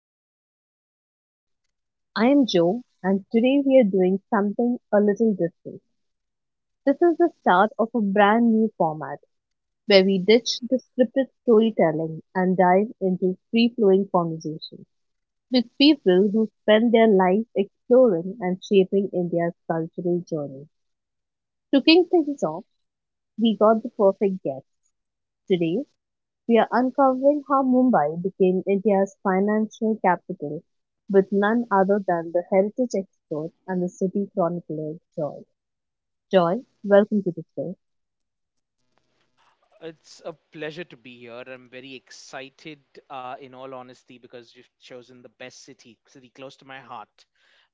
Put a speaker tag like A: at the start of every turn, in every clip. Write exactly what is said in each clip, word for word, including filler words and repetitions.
A: of Stories India. I am Joe, and today we are doing something a little different. This is the start of a brand new format where we ditch the scripted storytelling and dive into free flowing conversations with people who spend their lives exploring and shaping India's cultural journey. To kick things off, we got the perfect guest. Today we are uncovering how Mumbai became India's financial capital with none other than the heritage expert and the city chronicler, Joy. Joy, welcome to the show.
B: It's a pleasure to be here. I'm very excited, uh, in all honesty, because you've chosen the best city, city close to my heart,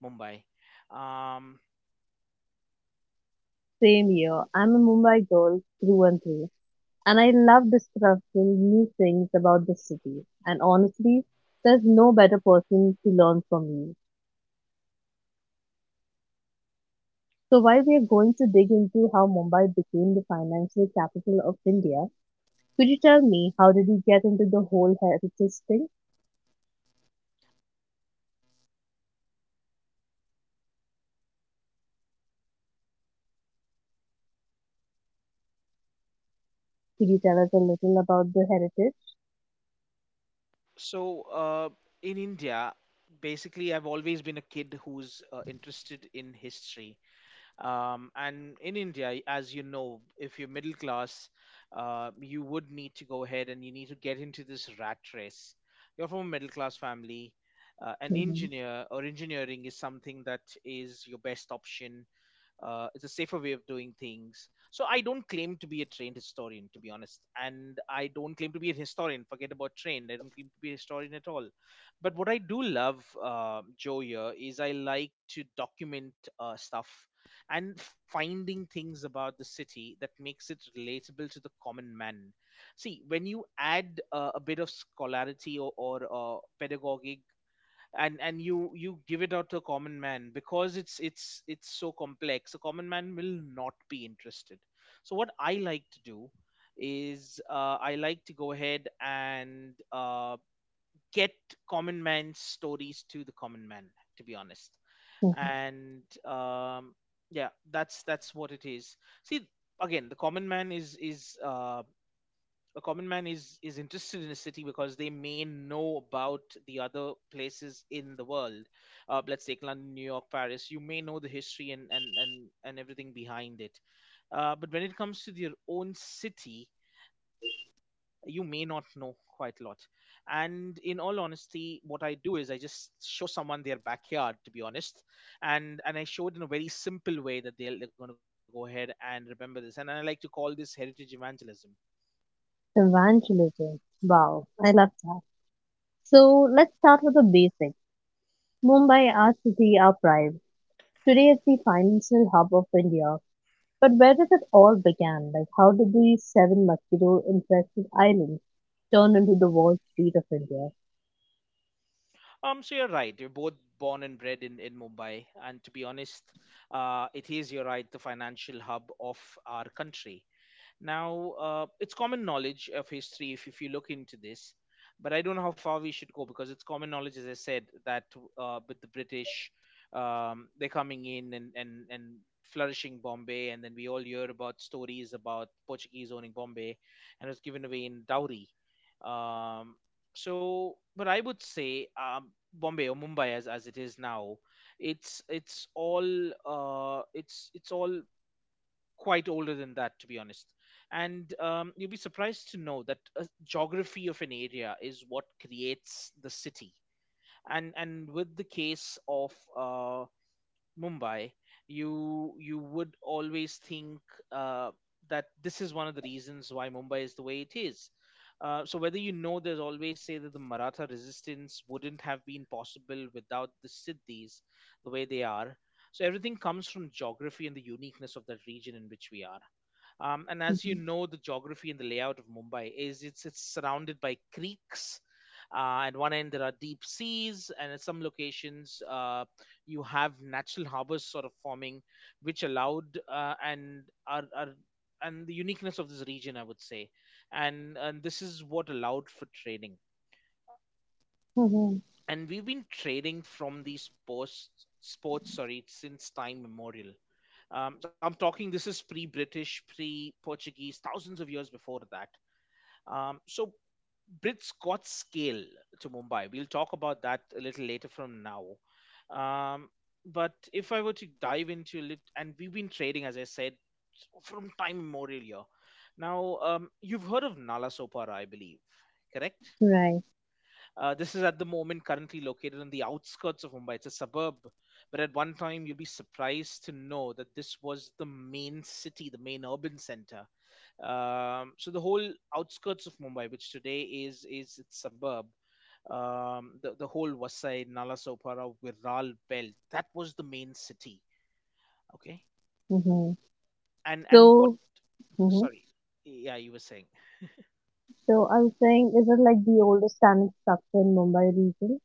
B: Mumbai. Um,
A: Same here. I'm a Mumbai girl through and through, and I love discovering new things about the city. And honestly, there's no better person to learn from you. So while we are going to dig into how Mumbai became the financial capital of India, could you tell me how did you get into the whole heritage thing? Could you tell us a little about the heritage?
B: so, uh, in India, basically, I've always been a kid who's uh, interested in history. Um, and in India, as you know, if you're middle class, uh, you would need to go ahead and you need to get into this rat race. You're from a middle class family. Uh, an
A: Hmm.
B: engineer or engineering is something that is your best option. Uh, it's a safer way of doing things, so I don't claim to be a trained historian, to be honest, and I don't claim to be a historian. Forget about trained, I don't claim to be a historian at all. But what I do love, uh, Joe, here is I like to document uh, stuff and finding things about the city that makes it relatable to the common man. See, when you add uh, a bit of scholarity or, or uh, pedagogic and and you you give it out to a common man, because it's it's it's so complex, a common man will not be interested. So what I like to do is uh, I like to go ahead and uh, get common man's stories to the common man, to be honest. And um, yeah, that's that's what it is. See, again, the common man is is uh, a common man is is interested in a city because they may know about the other places in the world. Uh, let's take London, New York, Paris. You may know the history and and and, and everything behind it. Uh, but when it comes to your own city, you may not know quite a lot. And in all honesty, what I do is I just show someone their backyard, to be honest. and and I show it in a very simple way that they're, they're going to go ahead and remember this, and I like to call this heritage evangelism.
A: Evangelism. Wow, I love that. So let's start with the basics. Mumbai, our city, our pride. Today it's the financial hub of India. But where did it all began? Like how did the seven mosquito infested islands turn into the Wall Street of India?
B: Um, so you're right. You're both born and bred in, in Mumbai, and to be honest, uh, it is, you're right, the financial hub of our country. Now, uh, it's common knowledge of history if, if you look into this, but I don't know how far we should go, because it's common knowledge, as I said, that uh, with the British, um, they're coming in and, and, and flourishing Bombay, and then we all hear about stories about Portuguese owning Bombay and it was given away in dowry. Um, so, but I would say um, Bombay or Mumbai, as, as it is now, it's it's all uh, it's it's all quite older than that, to be honest. And um, you'd be surprised to know that a geography of an area is what creates the city. And and with the case of uh, Mumbai, you you would always think uh, that this is one of the reasons why Mumbai is the way it is. Uh, so whether you know, there's always say that the Maratha resistance wouldn't have been possible without the Siddhis, the way they are. So everything comes from geography and the uniqueness of that region in which we are. Um, and as you
A: Hmm.
B: know, the geography and the layout of Mumbai is it's it's surrounded by creeks. Uh, at one end there are deep seas, and at some locations uh, you have natural harbors sort of forming, which allowed uh, and are, are and the uniqueness of this region, I would say, and and this is what allowed for trading.
A: Hmm.
B: And we've been trading from these posts sports, sorry, since time immemorial. Um, so I'm talking this is pre-British, pre-Portuguese, thousands of years before that. Um, so Britscott's scale to Mumbai. We'll talk about that a little later from now. Um, but if I were to dive into a little, and we've been trading, as I said, from time immemorial here. Now, um, you've heard of Nala Sopara, I believe, correct?
A: Right.
B: Uh, this is at the moment currently located on the outskirts of Mumbai. It's a suburb, but at one time you'll be surprised to know that this was the main city, the main urban center. Um, so the whole outskirts of Mumbai, which today is is its suburb, um, the the whole Vasai, Nalasopara, Viral belt, that was the main city. Okay,
A: Hmm.
B: and and what?
A: So, hmm,
B: Sorry, yeah, you were saying.
A: so I was saying, is it like the oldest standing structure in Mumbai region?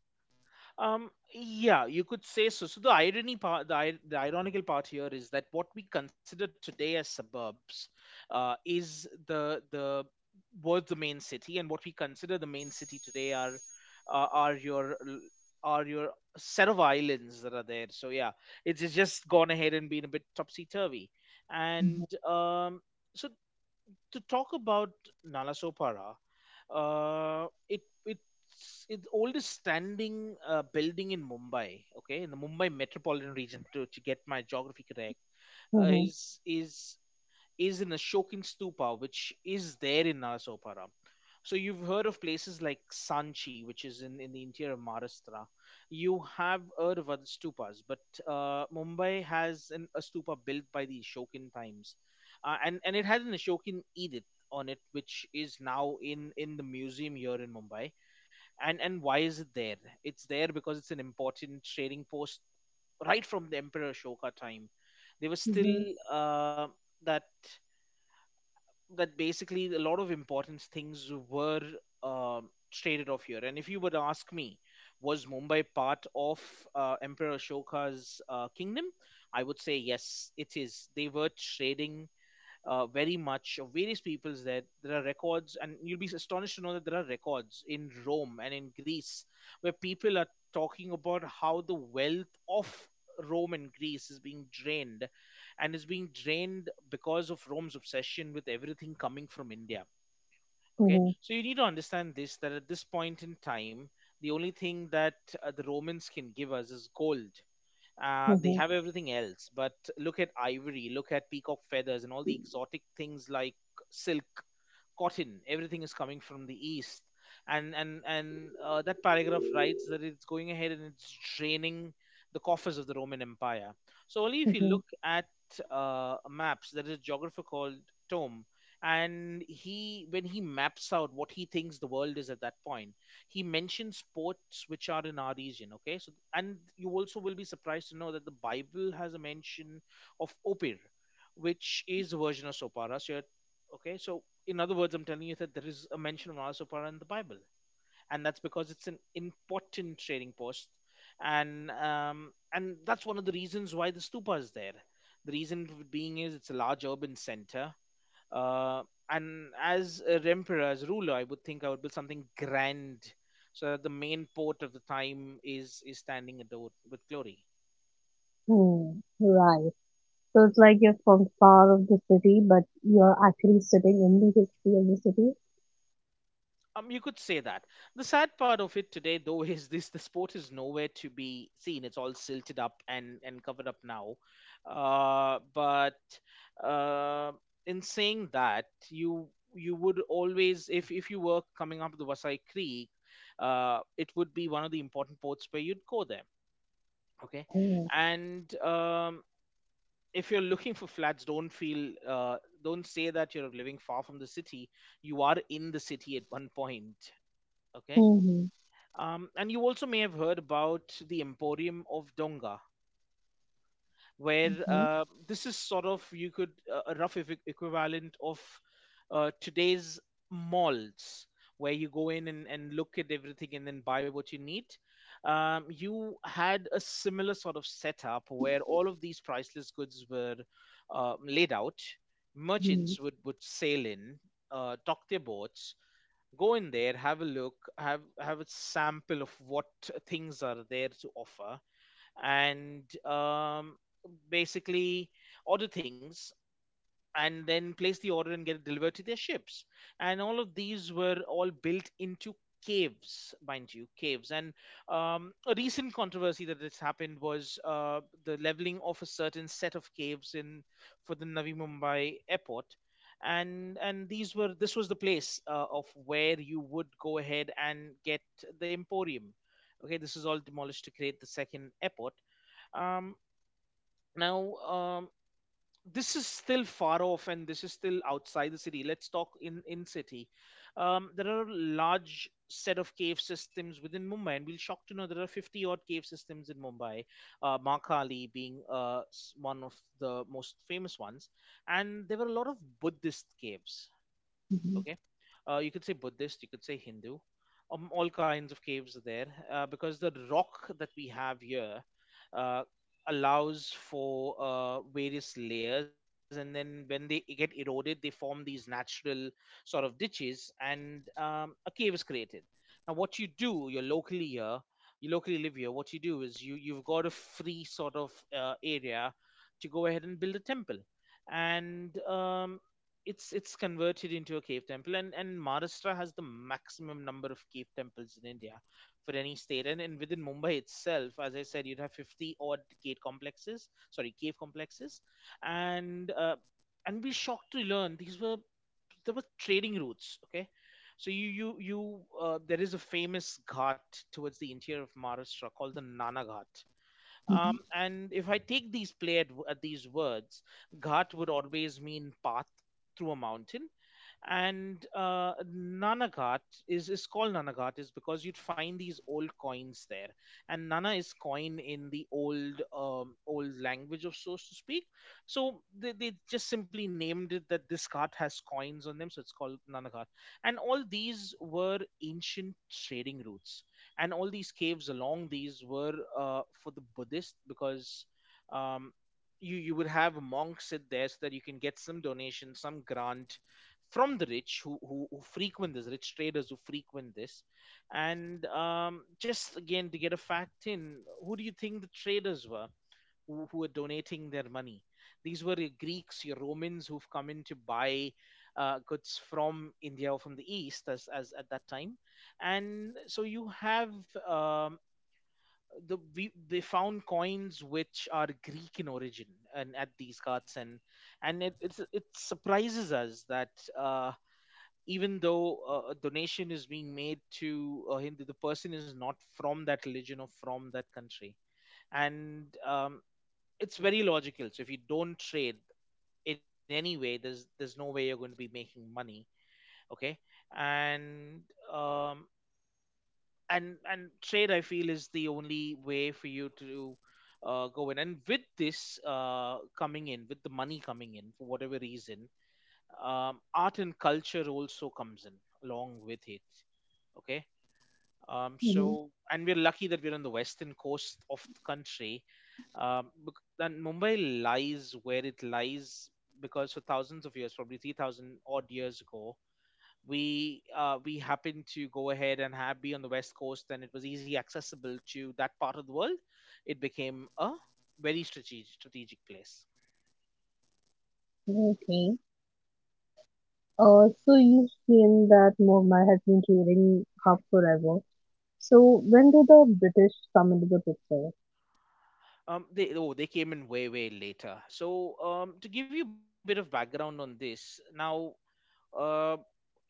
B: Um, yeah, you could say so. So the irony part, the, ir- the ironical part here is that what we consider today as suburbs uh, is the the was the main city, and what we consider the main city today are uh, are your l- are your set of islands that are there. So yeah, it's it's just gone ahead and been a bit topsy turvy,
A: Mhm,
B: and um, so to talk about Nalasopara, uh, it it's it's oldest standing uh, building in Mumbai. Okay, in the Mumbai metropolitan region, to to get my geography correct, uh,
A: mhm,
B: is is is in a shocking stupa, which is there in Narasopara. So you've heard of places like Sanchi, which is in, in the interior of Maharashtra. You have heard of other stupas, but uh, Mumbai has an, a stupa built by the Ashokan times, uh, and and it had an Ashokan edict on it, which is now in in the museum here in Mumbai. And and why is it there? It's there because it's an important trading post right from the Emperor Ashoka time. They were
A: mhm,
B: still uh, that that basically a lot of important things were um traded off here. And if you were to ask me, was Mumbai part of uh, Emperor Ashoka's uh, kingdom? I would say yes, it is. They were trading uh, very much of various peoples there. There are records, and you'll be astonished to know that there are records in Rome and in Greece where people are talking about how the wealth of Rome and Greece is being drained, and is being drained because of Rome's obsession with everything coming from India. Okay,
A: mhm,
B: so you need to understand this, that at this point in time, the only thing that uh, the Romans can give us is gold. Uh, they have everything else, but look at ivory, look at peacock feathers and all the exotic things like silk, cotton. Everything is coming from the east, and and and uh, that paragraph writes that it's going ahead and it's draining the coffers of the Roman Empire. So only if you
A: mhm,
B: look at uh, maps, there is a geographer called Tome, and he, when he maps out what he thinks the world is at that point, he mentions ports which are in our region. Okay, so and you also will be surprised to know that the Bible has a mention of Opir, which is a version of Sopara, so you're- okay so in other words, I'm telling you that there is a mention of Nala Supara in the Bible, and that's because it's an important trading post, and um, and that's one of the reasons why the stupa is there. The reason being is it's a large urban center, uh, and as a emperor, as a ruler, I would think I would build something grand so that the main port of the time is is standing adored with glory.
A: mhm. Right. So it's like you're from far of the city, but you're actually sitting in the history of the city.
B: Um, you could say that. The sad part of it today, though, is this: the sport is nowhere to be seen. It's all silted up and and covered up now. Uh, but uh, in saying that, you you would always, if if you were coming up the Wasai Creek, uh, it would be one of the important ports where you'd go there. Okay,
A: Oh.
B: and um, if you're looking for flats, don't feel uh, don't say that you're living far from the city. You are in the city at one point. Okay.
A: Mhm,
B: Um, and you also may have heard about the Emporium of Donga, where
A: mhm,
B: uh, this is sort of you could uh, a rough equi- equivalent of uh, today's malls, where you go in and, and look at everything and then buy what you need. Um, you had a similar sort of setup where all of these priceless goods were uh, laid out.
A: mhm,
B: Merchants would would sail in, uh, dock their boats, go in there, have a look, have have a sample of what things are there to offer, and um, basically order things and then place the order and get it delivered to their ships. And all of these were all built into caves, mind you, caves. And um, a recent controversy that has happened was uh, the leveling of a certain set of caves in for the Navi Mumbai airport. And and these were this was the place uh, of where you would go ahead and get the Emporium. Okay, this is all demolished to create the second airport. Um, now, um, this is still far off and this is still outside the city. Let's talk in in city. Um, there are a large set of cave systems within Mumbai, and we'll shock to know there are fifty odd cave systems in Mumbai, uh, Makali being uh, s- one of the most famous ones, and there were a lot of Buddhist caves.
A: mhm,
B: Okay. Uh, you could say Buddhist, you could say Hindu. Um, all kinds of caves are there, uh, because the rock that we have here, uh, allows for uh, various layers, and then when they get eroded they form these natural sort of ditches and um, a cave is created. Now, what you do, you're locally here, you locally live here, what you do is you you've got a free sort of uh, area to go ahead and build a temple. And um, it's it's converted into a cave temple, and and Maharashtra has the maximum number of cave temples in India for any state, and, and within Mumbai itself, as I said, you'd have fifty odd gate complexes, sorry, cave complexes. And uh, and be shocked to learn these were, there were trading routes. Okay. So you you you uh, there is a famous ghat towards the interior of Maharashtra called the Nana Ghat. Um, and if I take these play at, w- at these words, ghat would always mean path through a mountain. And uh, Nanagat is is called Nanagat is because you'd find these old coins there, and nana is coin in the old um, old language, of so to speak. So they, they just simply named it that this cart has coins on them, so it's called Nanagat. And all these were ancient trading routes, and all these caves along these were, uh, for the Buddhist because. Um, you, you would have monks sit there so that you can get some donation, some grant from the rich who, who who frequent this, rich traders who frequent this. And um, just again to get a fact in, who do you think the traders were, who, who were donating their money? These were your Greeks, your Romans, who've come in to buy uh, goods from India or from the east, as as at that time. And so you have, um, the we, they found coins which are Greek in origin and at these carts. And and it it's, it surprises us that, uh, even though, uh, a donation is being made to a Hindu, the person is not from that religion or from that country. And um, it's very logical. So if you don't trade in any way, there's there's no way you're going to be making money. Okay. And um, and and trade, I feel, is the only way for you to uh, go in. And with this, uh, coming in, with the money coming in for whatever reason, um, art and culture also comes in along with it. Okay. Um,
A: mhm, mhm.
B: so, and we're lucky that we're on the western coast of the country. Um, bec- and Mumbai lies where it lies because for thousands of years, probably three thousand odd years ago, we uh, we happened to go ahead and have be on the west coast, and it was easy accessible to that part of the world. It became a very strategic strategic place.
A: Okay. Uh, so you feel that Mumbai has been trading hub forever. So when did the British come into the picture?
B: Um, they, oh, they came in way way later. So um, to give you a bit of background on this, now, Uh,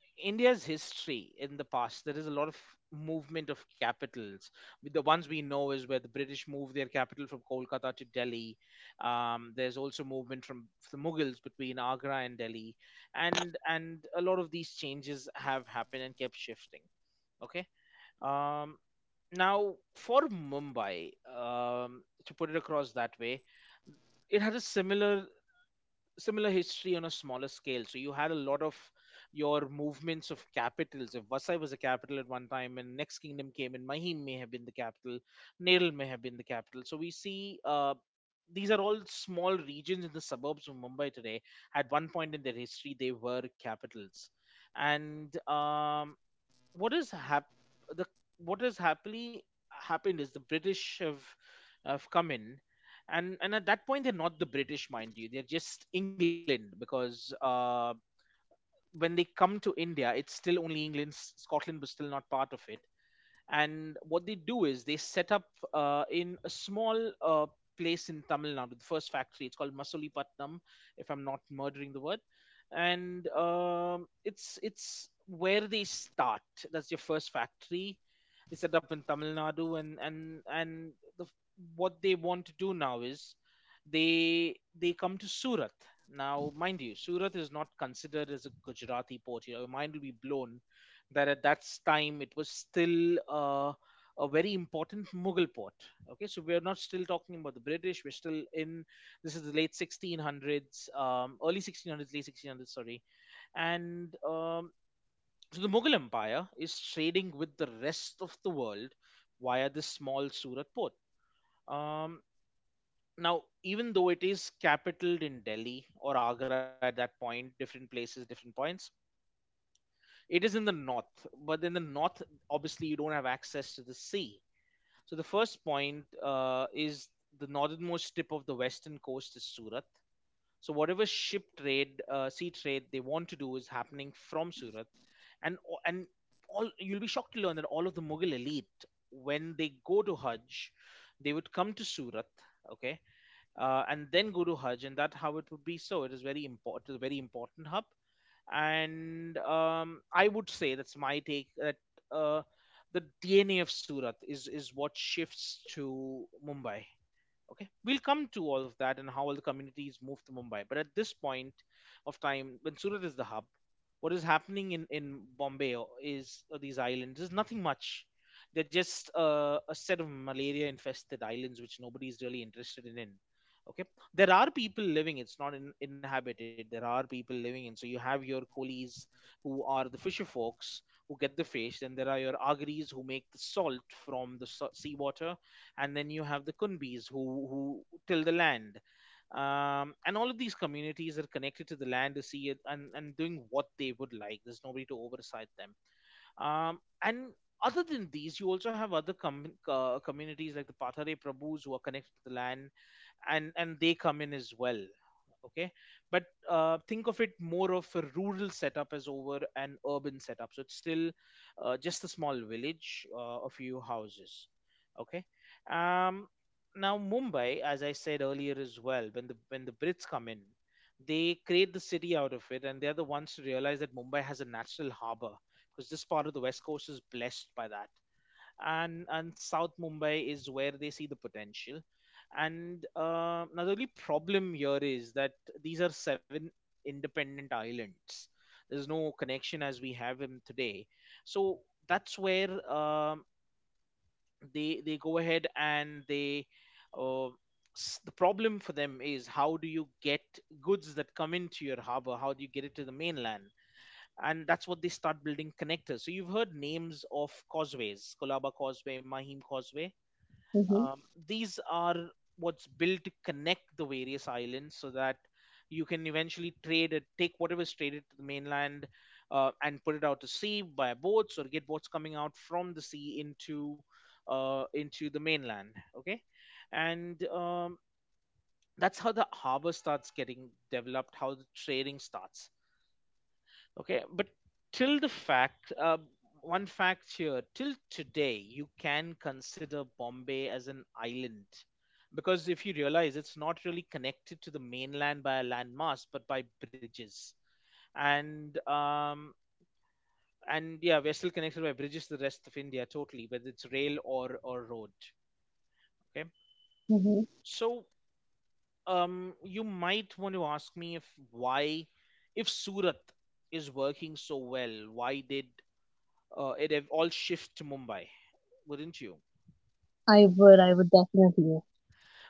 B: India's history in the past, there is a lot of movement of capitals. With the ones we know is where the British moved their capital from Kolkata to Delhi. Um, there's also movement from the Mughals between Agra and Delhi, and and a lot of these changes have happened and kept shifting. Okay. Um, Now for Mumbai, um, to put it across that way, it had a similar similar history on a smaller scale. So you had a lot of your movements of capitals. If Vasai was a capital at one time, and next kingdom came, and Mahim may have been the capital, Neril may have been the capital. So we see, uh, these are all small regions in the suburbs of Mumbai today. At one point in their history, they were capitals, and um, what is hap- the what has happily happened is the British have have come in, and and at that point they're not the British, mind you, they're just England, because uh, when they come to India, it's still only England. S- Scotland was still not part of it, and what they do is they set up uh, in a small uh, place in Tamil Nadu, the first factory. It's called Masulipatnam, if I'm not murdering the word. And um, it's it's where they start. That's your first factory, they set up in Tamil Nadu, and and and the, f- what they want to do now is they they come to Surat. Now, mind you, Surat is not considered as a Gujarati port. Your mind will be blown that at that time it was still uh, a very important Mughal port. Okay, so we are not still talking about the British. We're still in, this is the late sixteen hundreds, um, early sixteen hundreds, late sixteen hundreds, sorry. And um, so the Mughal Empire is trading with the rest of the world via this small Surat port. Um, Now, even though it is capitaled in Delhi or Agra at that point, different places, different points, it is in the north. But in the north, obviously, you don't have access to the sea. So the first point, uh, is, the northernmost tip of the western coast is Surat. So whatever ship trade, uh, sea trade they want to do is happening from Surat. And and all, you'll be shocked to learn that all of the Mughal elite, when they go to Hajj, they would come to Surat. Okay. Uh, and then go to Hajj, and that how it would be. So it is very important, it is a very important hub. And um, I would say that's my take that, uh, the D N A of Surat is is what shifts to Mumbai. Okay, we'll come to all of that and how all the communities move to Mumbai. But at this point of time, when Surat is the hub, what is happening in in Bombay or- is, uh, these islands, is nothing much. They're just, uh, a set of malaria-infested islands which nobody is really interested in. in. Okay. There are people living; it's not in, inhabited. There are people living in. So you have your coolies who are the fisher folks who get the fish. Then there are your agaris who make the salt from the sa- seawater, and then you have the Kunbis who who till the land. Um, and all of these communities are connected to the land, to see it, and and doing what they would like. There's nobody to oversight them. Um, and other than these, you also have other com- uh, communities like the Pathare Prabhus who are connected to the land, and and they come in as well. Okay. But uh, think of it more of a rural setup as over an urban setup, so it's still uh, just a small village, uh, a few houses. Okay. um Now Mumbai, as I said earlier as well, when the when the Brits come in, they create the city out of it, and they're the ones to realize that Mumbai has a natural harbor, because this part of the west coast is blessed by that. And and South Mumbai is where they see the potential. And uh, now the only problem here is that these are seven independent islands, there's no connection as we have them today. So that's where um, they they go ahead and they, uh, s- the problem for them is, how do you get goods that come into your harbor, how do you get it to the mainland? And that's what they start, building connectors. So you've heard names of causeways, Kolaba Causeway, Mahim Causeway.
A: Mm-hmm,
B: um, these are what's built to connect the various islands, so that you can eventually trade it, take whatever is traded to the mainland, uh, and put it out to sea by boats, or get boats coming out from the sea into, uh, into the mainland. Okay. And um, that's how the harbor starts getting developed, how the trading starts. Okay. But till the fact, uh, one fact here, till today, you can consider Bombay as an island, because if you realize it's not really connected to the mainland by a landmass but by bridges. And um, and yeah, we're still connected by bridges to the rest of India totally, whether it's rail or or road. Okay.
A: mm-hmm.
B: So um, you might want to ask me, if, why, if Surat is working so well, why did uh, it have all shift to Mumbai, wouldn't you?
A: I would, I would definitely.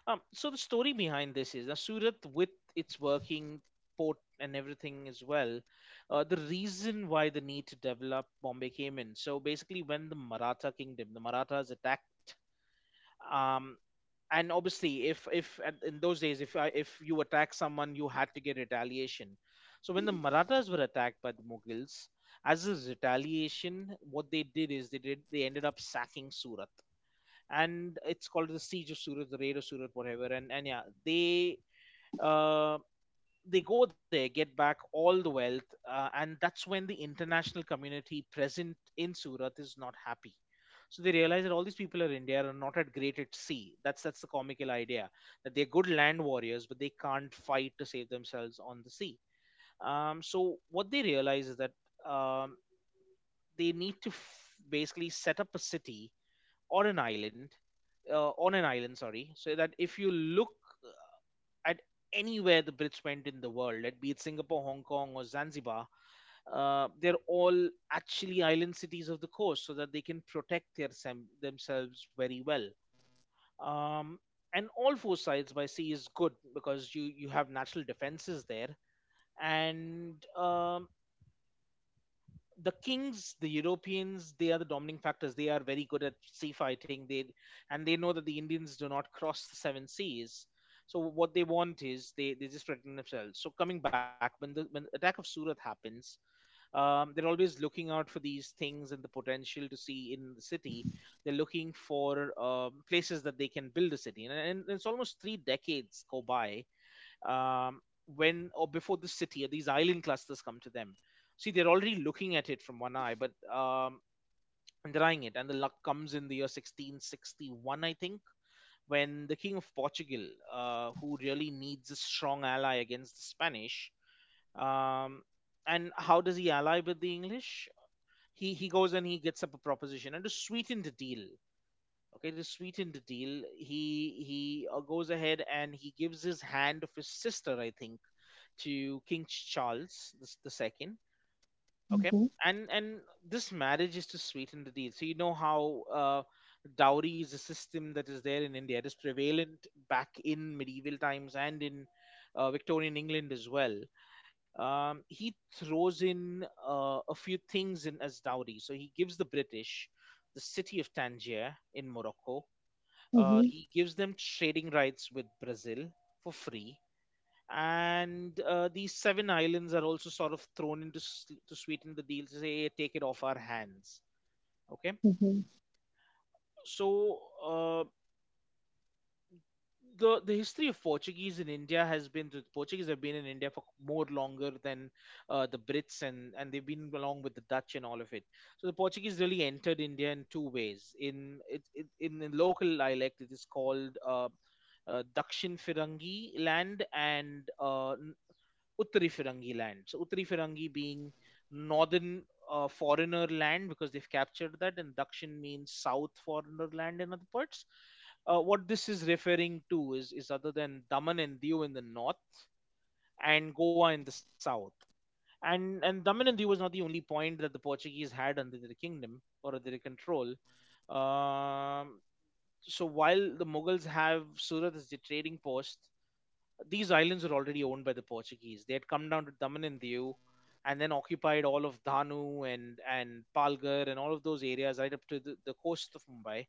B: Um, so the story behind this is that Surat, with its working port and everything as well, uh, the reason why the need to develop Bombay came in. So basically, when the Maratha kingdom, the Marathas attacked, um, and obviously, if if at- in those days, if I, if you attack someone, you had to get retaliation. So when the Marathas were attacked by the Mughals, as a retaliation, what they did is they did they ended up sacking Surat, and it's called the Siege of Surat, the Raid of Surat, whatever. And and yeah, they uh, they go there, get back all the wealth, uh, and that's when the international community present in Surat is not happy. So they realize that all these people are India are not at great at sea. That's that's the comical idea that they're good land warriors, but they can't fight to save themselves on the sea. Um, so what they realize is that um, they need to f- basically set up a city or an island, uh, on an island, sorry, so that if you look at anywhere the Brits went in the world, let be it Singapore, Hong Kong, or Zanzibar, uh, they're all actually island cities of the coast, so that they can protect their sem- themselves very well. Um, and all four sides by sea is good because you you have natural defenses there, and um, the kings, the Europeans, they are the dominating factors. They are very good at sea fighting. They and they know that the Indians do not cross the seven seas. So what they want is they, they just protect themselves. So coming back when the when the attack of Surat happens, um, they're always looking out for these things and the potential to see in the city. They're looking for um, places that they can build a city, and, and it's almost three decades go by, um, when or before the city these island clusters come to them. See, they're already looking at it from one eye, but um, denying it. And the luck comes in the year sixteen sixty-one, I think, when the king of Portugal, uh, who really needs a strong ally against the Spanish, um, and how does he ally with the English? He he goes and he gets up a proposition, and to sweeten the deal. Okay, to sweeten the deal, he he uh, goes ahead and he gives his hand of his sister, I think, to King Charles the s- the second. Okay,
A: Mm-hmm,
B: and and this marriage is to sweeten the deal. So you know how uh, dowry is a system that is there in India. It is prevalent back in medieval times and in uh, Victorian England as well. Um, he throws in uh, a few things in as dowry. So he gives the British the city of Tangier in Morocco. Uh,
A: mm-hmm.
B: he gives them trading rights with Brazil for free, and uh, these seven islands are also sort of thrown into s- to sweeten the deal, to say, "Hey, take it off our hands." Okay,
A: Mhm,
B: so uh, the the history of Portuguese in India has been the Portuguese have been in India for more longer than uh, the Brits, and and they've been along with the Dutch and all of it. So the Portuguese really entered India in two ways. In it, it in, in local dialect, it is called uh, uh, Dakshin Firangi land and uh, Uttari Firangi land. So Uttari Firangi being northern uh, foreigner land because they've captured that, and Dakshin means south foreigner land in other parts. Uh, what this is referring to is is other than Daman and Diu in the north and Goa in the south. And and Daman and Diu was not the only point that the Portuguese had under their kingdom or under their control. Um, so while the Mughals have Surat as their trading post, these islands were already owned by the Portuguese. They had come down to Daman and Diu and then occupied all of Danu and, and Palgar and all of those areas right up to the, the coast of Mumbai.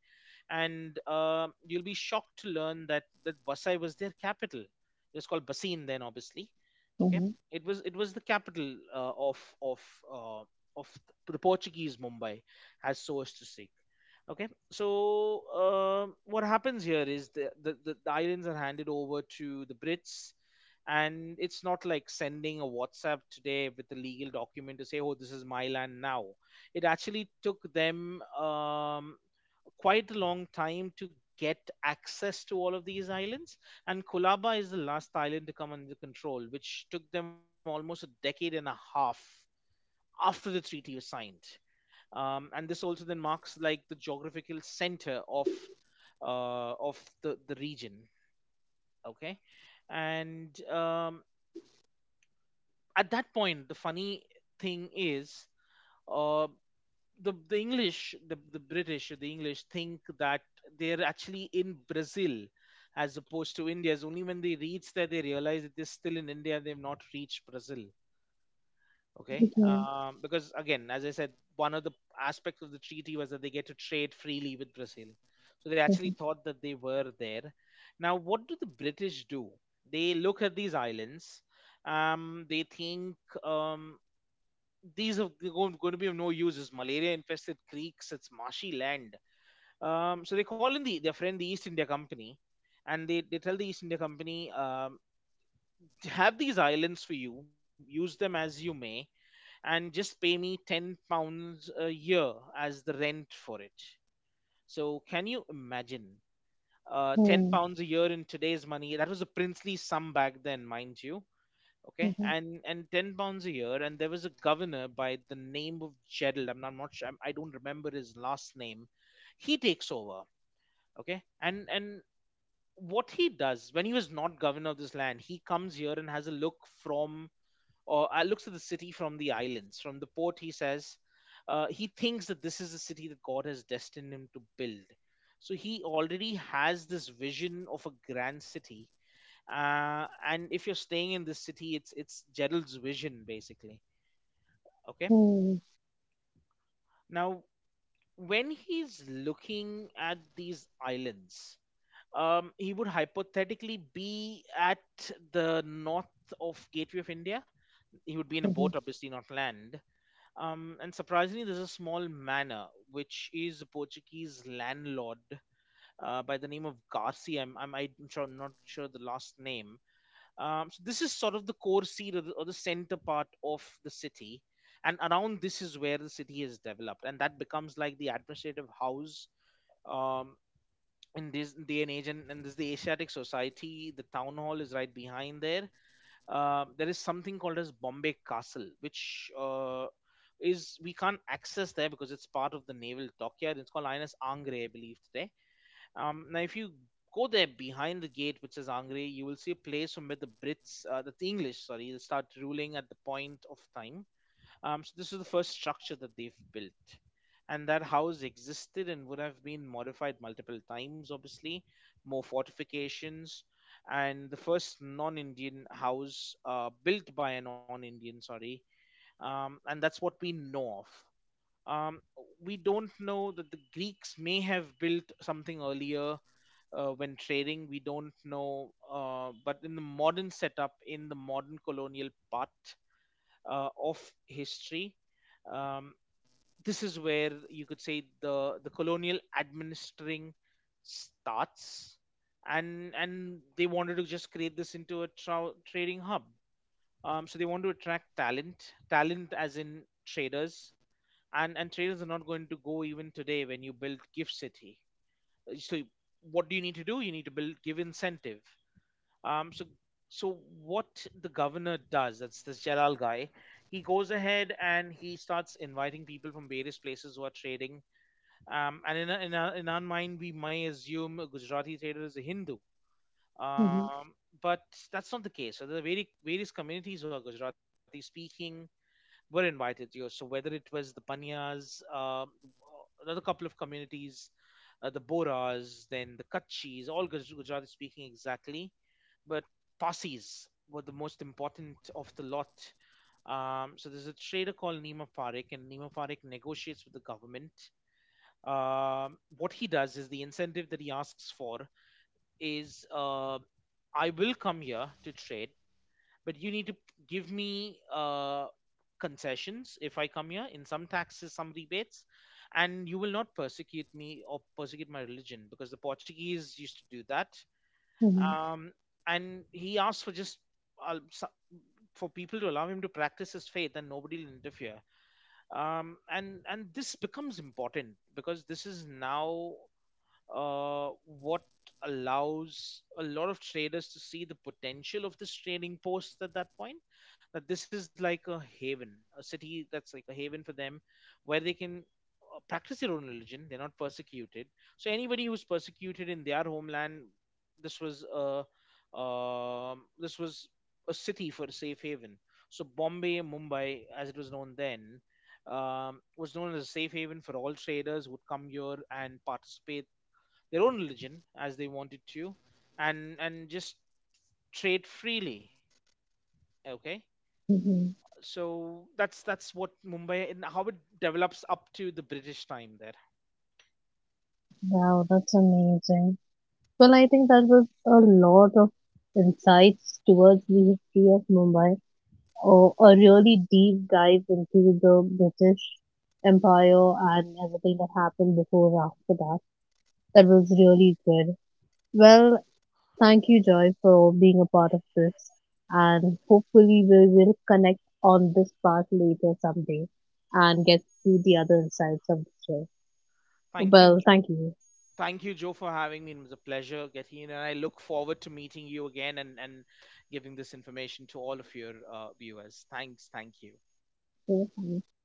B: And uh, you'll be shocked to learn that, that Vasai was their capital. It was called Basin then, obviously. Okay.
A: mhm,
B: It was it was the capital uh, of of uh, of the Portuguese Mumbai, as so as to say. Okay, so um what happens here is the, the, the, the islands are handed over to the Brits, and it's not like sending a WhatsApp today with a legal document to say, oh, this is my land now. It actually took them um, quite a long time to get access to all of these islands, and Kolaba is the last island to come under control, which took them almost a decade and a half after the treaty was signed. Um, and this also then marks like the geographical center of uh, of the the region. Okay. And um, at that point, the funny thing is, uh, the the english the, the British or the English think that they're actually in Brazil as opposed to India. Is only when they reach there they realize that they're still in India, they've not reached Brazil. Okay.
A: mhm,
B: Um, because again, as I said, one of the aspects of the treaty was that they get to trade freely with Brazil, so they actually
A: mhm,
B: thought that they were there. Now, what do the British do? They look at these islands. Um, they think um, these are going to be of no use, it's malaria infested creeks, it's marshy land. Um, so they call in the, their friend the East India Company, and they, they tell the East India Company, um, to have these islands for you, use them as you may, and just pay me ten pounds a year as the rent for it. So can you imagine, uh, 10
A: mhm,
B: pounds a year in today's money, that was a princely sum back then, mind you. Okay.
A: mhm,
B: And and ten pounds a year. And there was a governor by the name of Jedel. i'm not, I'm not sure, I'm, I don't remember his last name. He takes over. Okay. And and what he does, when he was not governor of this land, he comes here and has a look from, or uh, looks at the city from the islands. From the port, he says, uh, he thinks that this is a city that God has destined him to build. So he already has this vision of a grand city, uh, and if you're staying in this city, it's it's Gerald's vision basically. Okay,
A: mhm,
B: now when he's looking at these islands, um, he would hypothetically be at the north of Gateway of India. He would be in a
A: mhm,
B: boat, obviously not land. Um, and surprisingly, there's a small manor which is a Portuguese landlord uh, by the name of Garcia. I'm, I'm, I'm sure, not sure the last name. Um, so this is sort of the core seat or the, or the center part of the city, and around this is where the city is developed, and that becomes like the administrative house. Um, in this day and age, and, and this is the Asiatic Society. The town hall is right behind there. Uh, there is something called as Bombay Castle, which uh, is we can't access there because it's part of the naval dockyard. It's called I N S Angre, I believe, today. Um, now, if you go there behind the gate, which is Angre, you will see a place from where the Brits, uh, the English, sorry, start ruling at the point of time. Um, so this is the first structure that they've built. And that house existed and would have been modified multiple times, obviously, more fortifications. And the first non Indian house, uh, built by a non Indian, sorry. Um, and that's what we know of. Um, we don't know that the Greeks may have built something earlier uh, when trading. We don't know. Uh, but in the modern setup, in the modern colonial part uh, of history, um, this is where you could say the the colonial administering starts. And and they wanted to just create this into a tra- trading hub, um, so they want to attract talent talent as in traders, and and traders are not going to go even today when you build gift city. Uh, so what do you need to do? You need to build give incentive. Um, so so what the governor does, that's this Jalal guy, he goes ahead and he starts inviting people from various places who are trading. Um, and in, in, our, in our mind, we may assume a Gujarati trader is a Hindu.
A: mhm,
B: Um, but that's not the case. So there are very, various communities who are Gujarati speaking were invited here. So whether it was the Banyas, um, another couple of communities, uh, the Boras, then the Kutchis, all Guj- Gujarati speaking exactly. But Parsis were the most important of the lot. Um, so there's a trader called Nima Parekh, and Nima Parekh negotiates with the government. Um, what he does is, the incentive that he asks for is, uh, I will come here to trade, but you need to give me uh, concessions if I come here, in some taxes, some rebates, and you will not persecute me or persecute my religion because the Portuguese used to do that.
A: mhm,
B: Um, and he asked for just uh, so- for people to allow him to practice his faith and nobody will interfere. Um, and and this becomes important because this is now uh, what allows a lot of traders to see the potential of this trading post at that point, that this is like a haven, a city that's like a haven for them where they can uh, practice their own religion, they're not persecuted. So anybody who's persecuted in their homeland, this was a um, this was a city for a safe haven. So Bombay, Mumbai as it was known then, um, was known as a safe haven for all traders who would come here and participate their own religion as they wanted to, and and just trade freely. Okay.
A: mhm.
B: So that's that's what Mumbai, and how it develops up to the British time there.
A: Wow, that's amazing. Well, I think that was a lot of insights towards the history of Mumbai, or a really deep dive into the British Empire and everything that happened before and after that. That was really good. Well, thank you, Joy, for being a part of this. And hopefully, we will connect on this part later someday and get to the other insides of the show.
B: Thank you,
A: Well, thank
B: Joe.
A: you.
B: Thank you, Joe, for having me. It was a pleasure getting in, and I look forward to meeting you again, and and giving this information to all of your uh, viewers. Thanks, thank you.
A: Yeah, thank you.